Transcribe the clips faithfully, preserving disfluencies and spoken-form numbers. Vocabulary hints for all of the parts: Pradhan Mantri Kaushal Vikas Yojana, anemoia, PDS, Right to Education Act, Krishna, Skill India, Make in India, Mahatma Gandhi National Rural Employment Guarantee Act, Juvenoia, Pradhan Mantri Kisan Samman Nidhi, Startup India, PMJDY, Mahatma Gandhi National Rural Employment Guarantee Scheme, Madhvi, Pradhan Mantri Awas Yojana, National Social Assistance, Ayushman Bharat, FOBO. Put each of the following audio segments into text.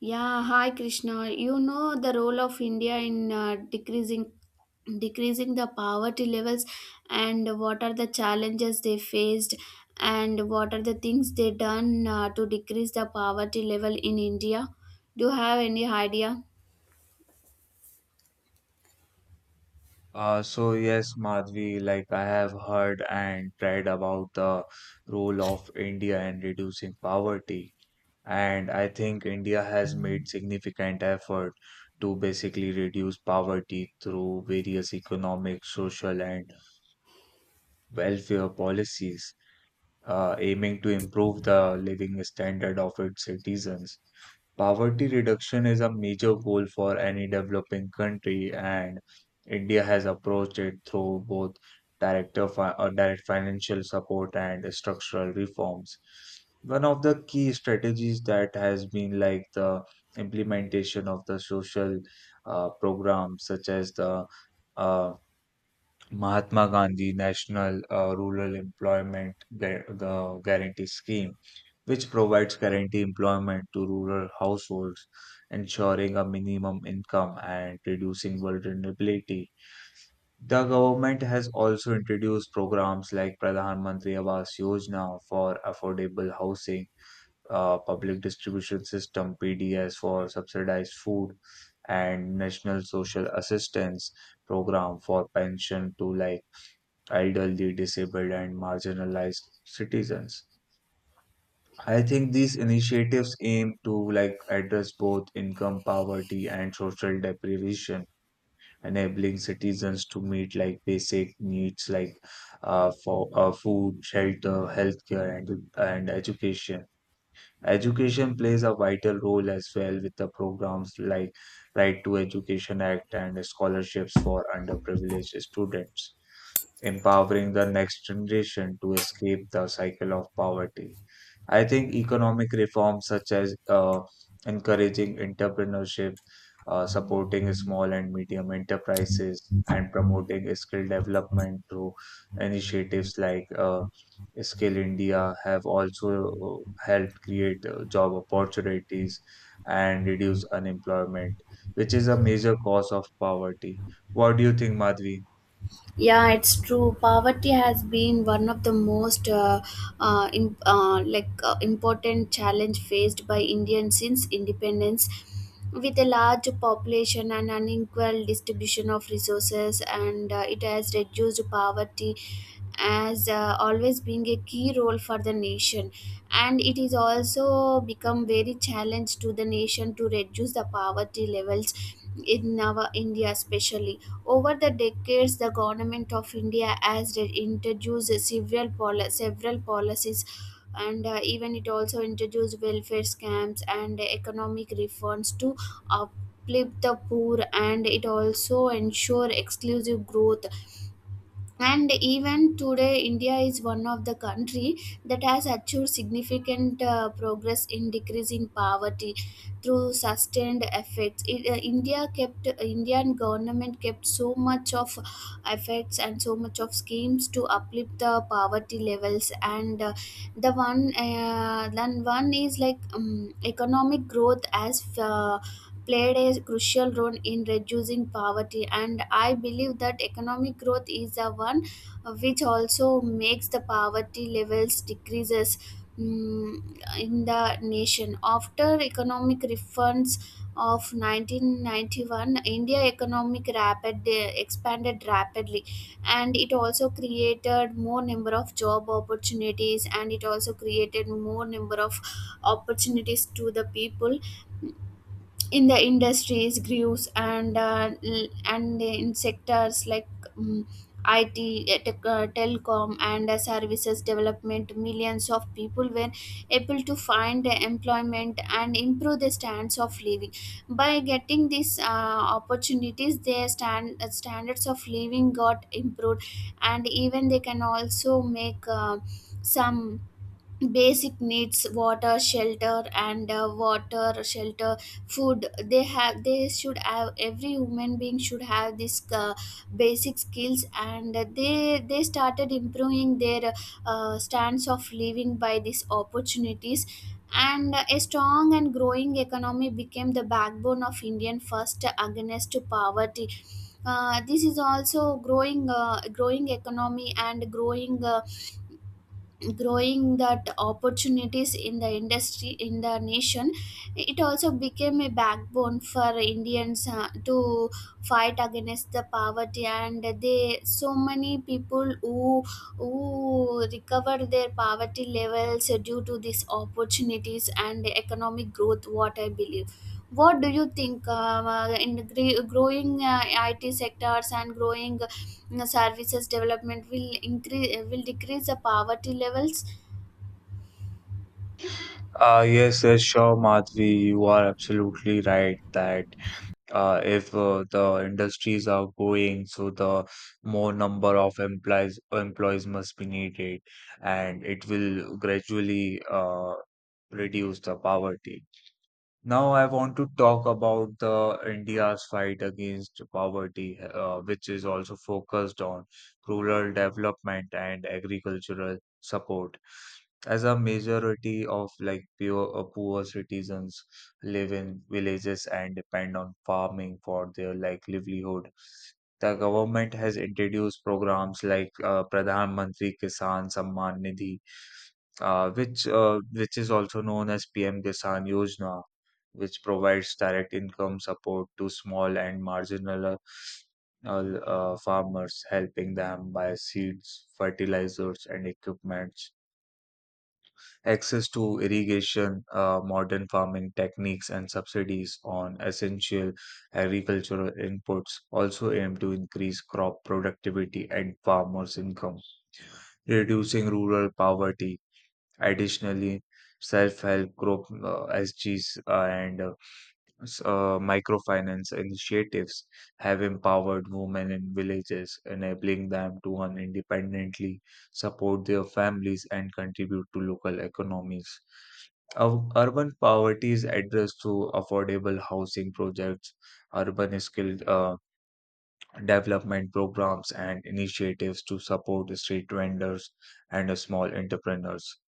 Yeah, hi Krishna. You know the role of India in uh, decreasing decreasing the poverty levels, and what are the challenges they faced, and what are the things they done uh, to decrease the poverty level in India? Do you have any idea? Uh, so yes, Madhvi, like I have heard and read about the role of India in reducing poverty, and I think India has made significant effort to basically reduce poverty through various economic, social, and welfare policies, uh, aiming to improve the living standard of its citizens. Poverty reduction is a major goal for any developing country, and India has approached it through both direct, of- uh, direct financial support and structural reforms. One of the key strategies that has been like the implementation of the social uh, programs such as the uh, Mahatma Gandhi National uh, Rural Employment Gu- the Guarantee Scheme, which provides guarantee employment to rural households, ensuring a minimum income and reducing vulnerability. The government has also introduced programs like Pradhan Mantri Awas Yojana for affordable housing, uh, public distribution system P D S for subsidized food, and National Social Assistance program for pension to like idle the disabled, and marginalized citizens. I think these initiatives aim to like address both income poverty and social deprivation, enabling citizens to meet like basic needs like uh, for uh, food, shelter, healthcare, and and education. Education plays a vital role as well with the programs like Right to Education Act and scholarships for underprivileged students, empowering the next generation to escape the cycle of poverty. I think economic reforms such as uh, encouraging entrepreneurship, uh, supporting small and medium enterprises, and promoting skill development through initiatives like uh, Skill India have also uh, helped create uh, job opportunities and reduce unemployment, which is a major cause of poverty. What do you think, Madhvi? Yeah, it's true. Poverty has been one of the most uh, uh, in, uh, like uh, important challenge faced by Indian since independence. With a large population and unequal distribution of resources, and uh, it has reduced poverty as uh, always being a key role for the nation, and it is also become very challenge to the nation to reduce the poverty levels in our India, especially over the decades. The government of India has re- introduced several, poli- several policies, and uh, even it also introduced welfare scams and economic reforms to uplift the poor, and it also ensure exclusive growth. And even today India is one of the country that has achieved significant uh, progress in decreasing poverty. Through sustained efforts, it, uh, india kept Indian government kept so much of efforts and so much of schemes to uplift the poverty levels, and uh, the one uh, then one is like um, economic growth as uh, played a crucial role in reducing poverty, and I believe that economic growth is the one which also makes the poverty levels decreases mm, in the nation. After economic reforms of nineteen ninety-one, India economic rapid expanded rapidly, and it also created more number of job opportunities, and it also created more number of opportunities to the people in the industries grooves, and uh, l- and in sectors like um, I T, uh, tech, uh, telecom, and uh, services development, millions of people were able to find employment and improve their standards of living. By getting these uh, opportunities, their stand, uh, standards of living got improved, and even they can also make uh, some basic needs, water shelter, and uh, water shelter, food. They have, they should have, every human being should have this uh, basic skills, and they they started improving their uh, stance of living by these opportunities. And a strong and growing economy became the backbone of Indian first against to poverty. Uh, this is also growing, uh, growing economy and growing uh, growing that opportunities in the industry in the nation. It also became a backbone for Indians uh, to fight against the poverty, and they so many people who who recovered their poverty levels due to these opportunities and economic growth, what I believe. What do you think, um, uh, in the gre- growing uh, I T sectors and growing uh, services development will increase, will decrease the poverty levels? Uh, yes, yes, sure, Madhvi. You are absolutely right that uh, if uh, the industries are growing, so the more number of employees employees must be needed, and it will gradually uh, reduce the poverty. Now, I want to talk about the India's fight against poverty, uh, which is also focused on rural development and agricultural support as a majority of like pure, uh, poor citizens live in villages and depend on farming for their like livelihood. The government has introduced programs like uh, Pradhan Mantri Kisan Samman Nidhi, uh, which uh, which is also known as P M Kisan Yojana, which provides direct income support to small and marginal uh, uh, farmers, helping them buy seeds, fertilizers, and equipment access to irrigation, uh, modern farming techniques, and subsidies on essential agricultural inputs also aim to increase crop productivity and farmers' income, reducing rural poverty. Additionally, self help group uh, S Gs and uh, s- uh, microfinance initiatives have empowered women in villages, enabling them to earn independently, support their families, and contribute to local economies. Ur- Urban poverty is addressed through affordable housing projects, urban skill uh, development programs, and initiatives to support the street vendors and uh, small entrepreneurs,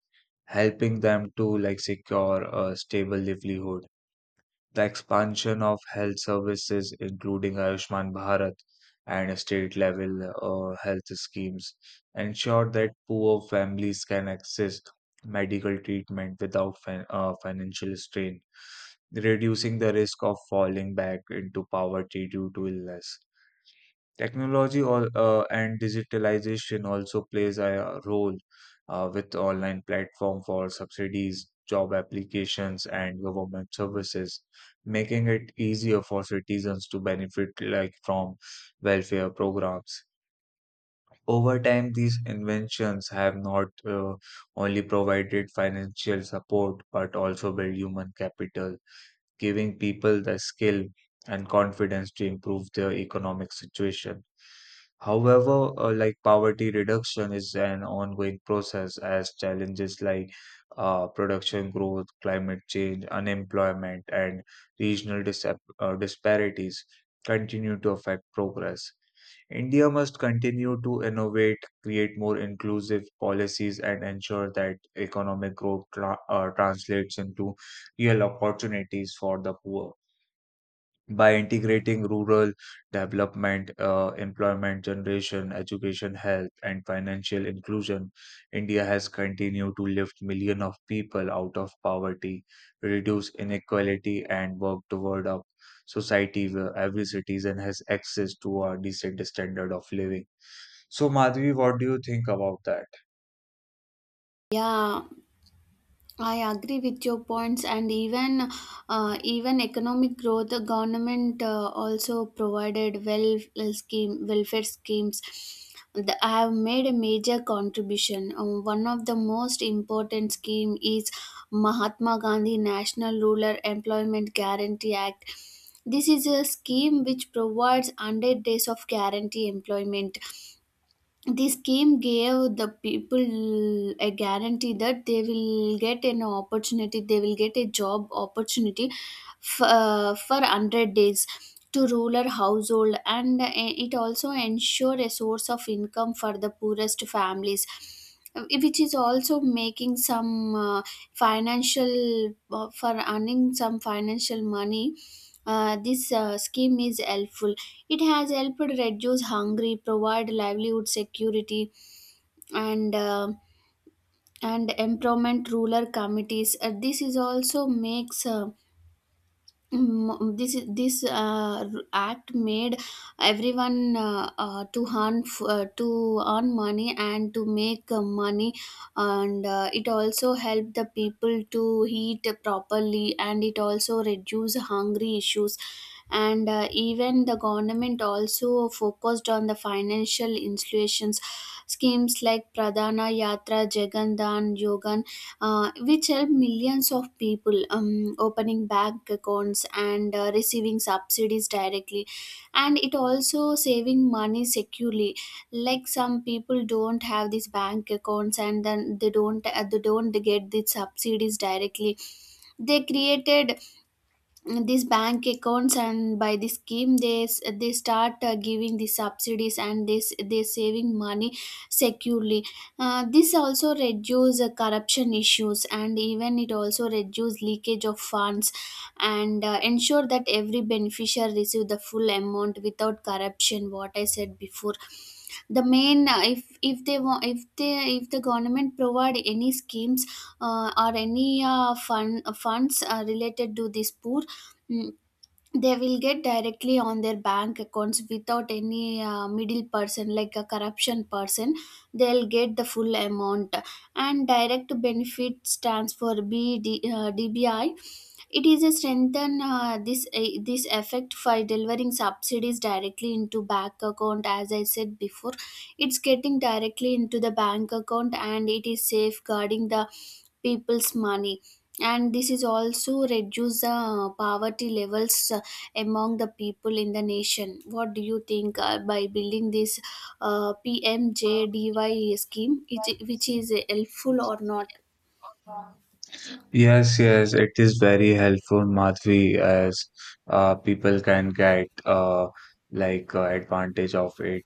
helping them to like secure a stable livelihood. The expansion of health services, including Ayushman Bharat and state level uh, health schemes, ensured that poor families can access medical treatment without fin- uh, financial strain, reducing the risk of falling back into poverty due to illness. Technology all, uh, and digitalization also plays a role uh, with online platform for subsidies, job applications, and government services, making it easier for citizens to benefit like from welfare programs. Over time, these inventions have not uh, only provided financial support but also built human capital, giving people the skill and confidence to improve their economic situation. However, uh, like poverty reduction is an ongoing process as challenges like uh, production growth, climate change, unemployment, and regional disap- uh, disparities continue to affect progress. India must continue to innovate, create more inclusive policies, and ensure that economic growth tra- uh, translates into real opportunities for the poor by integrating rural development, uh, employment generation, education, health, and financial inclusion. India has continued to lift millions of people out of poverty, reduce inequality, and work toward a society where every citizen has access to a decent standard of living. So, Madhvi, what do you think about that? Yeah, I agree with your points, and even uh, even economic growth. The government uh, also provided well well scheme welfare schemes that have made a major contribution. Um, one of the most important scheme is Mahatma Gandhi National Rural Employment Guarantee Act. This is a scheme which provides one hundred days of guarantee employment. The scheme gave the people a guarantee that they will get an opportunity, they will get a job opportunity f- uh, for one hundred days to rural household, and uh, it also ensure a source of income for the poorest families, uh, which is also making some uh, financial uh, for earning some financial money. Uh, this uh, scheme is helpful. It has helped reduce hunger, provide livelihood security, and uh, and empowerment rural committees. Uh, this is also makes uh, Mm, this is- this uh, r- act made everyone, uh, uh, to earn, f- uh, to earn money and to make uh, money, and uh, it also helped the people to eat properly, and it also reduce hungry issues. And uh, even the government also focused on the financial institutions schemes like pradhana yatra jagandan yogan, uh, which help millions of people, um, opening bank accounts, and uh, receiving subsidies directly, and it also saving money securely. Like some people don't have these bank accounts, and then they don't uh, they don't get the subsidies directly. They created these bank accounts, and by the scheme, they s- they start uh, giving the subsidies, and this they s- they saving money securely. Uh, this also reduce uh, corruption issues, and even it also reduce leakage of funds, and uh, ensure that every beneficiary receive the full amount without corruption, what I said before. The main, uh, if if they want if they if the government provide any schemes uh, or any uh, fund funds uh, related to this poor, mm, they will get directly on their bank accounts without any uh, middle person, like a corruption person, they'll get the full amount. And direct benefits transfer, B D, uh, dbi, it is a strengthen, uh, this eh, this effect for delivering subsidies directly into bank account. As I said before, it's getting directly into the bank account, and it is safeguarding the people's money. And this is also reduce the uh, poverty levels uh, among the people in the nation. What do you think, uh, by building this uh, P M J D Y scheme, it, which is helpful or not? Yes, yes, it is very helpful, Madhvi, as uh, people can get uh, like uh, advantage of it,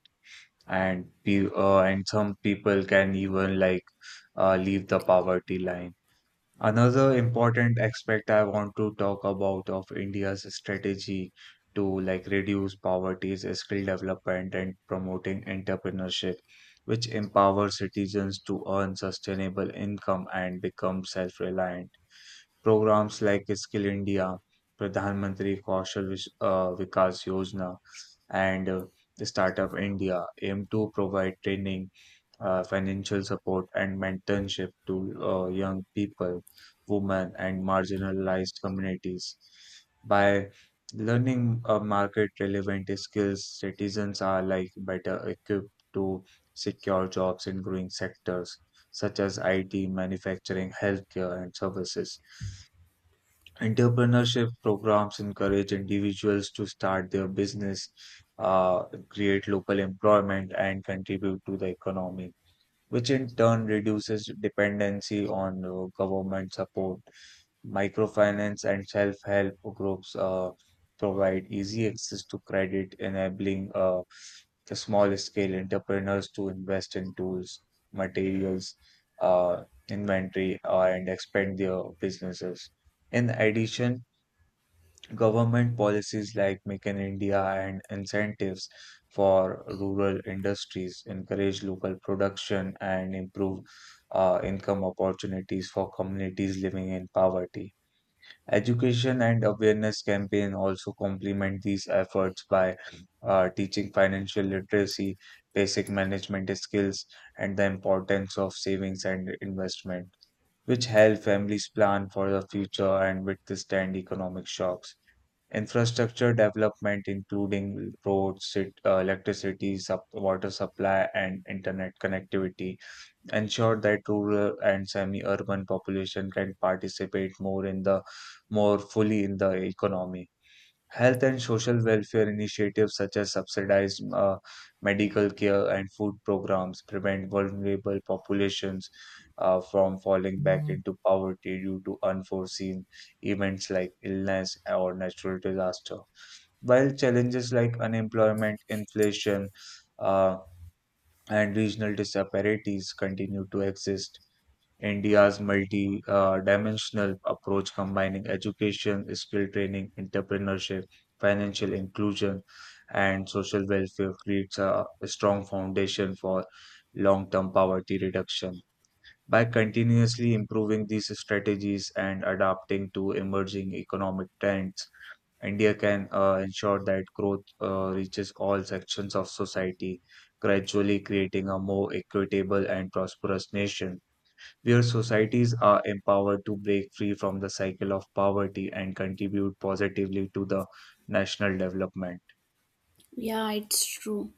and pe uh, and some people can even like uh, leave the poverty line. Another important aspect I want to talk about of India's strategy to like reduce poverty is skill development and promoting entrepreneurship, which empowers citizens to earn sustainable income and become self-reliant. Programs like Skill India, Pradhan Mantri Kaushal Vis- uh, Vikas Yojana, and uh, Startup India aim to provide training, uh, financial support, and mentorship to uh, young people, women, and marginalized communities. By learning uh, market relevant skills, citizens are like better equipped to secure jobs in growing sectors such as I T, manufacturing, healthcare, and services. Entrepreneurship programs encourage individuals to start their business, uh, create local employment, and contribute to the economy which in turn reduces dependency on uh, government support. Microfinance and self help groups uh, provide easy access to credit, enabling uh, the small scale entrepreneurs to invest in tools, materials, uh, inventory, uh, and expand their businesses. In addition, government policies like Make in India and incentives for rural industries encourage local production and improve uh, income opportunities for communities living in poverty. Education and awareness campaign also complement these efforts by uh, teaching financial literacy, basic management skills, and the importance of savings and investment, which help families plan for the future and withstand economic shocks. Infrastructure development, including roads, sit- uh, electricity, sup- water supply, and internet connectivity, ensure that rural and semi-urban population can participate more in the more fully in the economy. Health and social welfare initiatives such as subsidized uh, medical care and food programs prevent vulnerable populations uh, from falling back into poverty due to unforeseen events like illness or natural disaster. While challenges like unemployment, inflation, uh, and regional disparities continue to exist, India's multi uh, dimensional approach combining education, skill training, entrepreneurship, financial inclusion, and social welfare creates a strong foundation for long term poverty reduction. By continuously improving these strategies and adapting to emerging economic trends, India can uh, ensure that growth uh, reaches all sections of society, gradually creating a more equitable and prosperous nation, where societies are empowered to break free from the cycle of poverty and contribute positively to the national development. Yeah, it's true.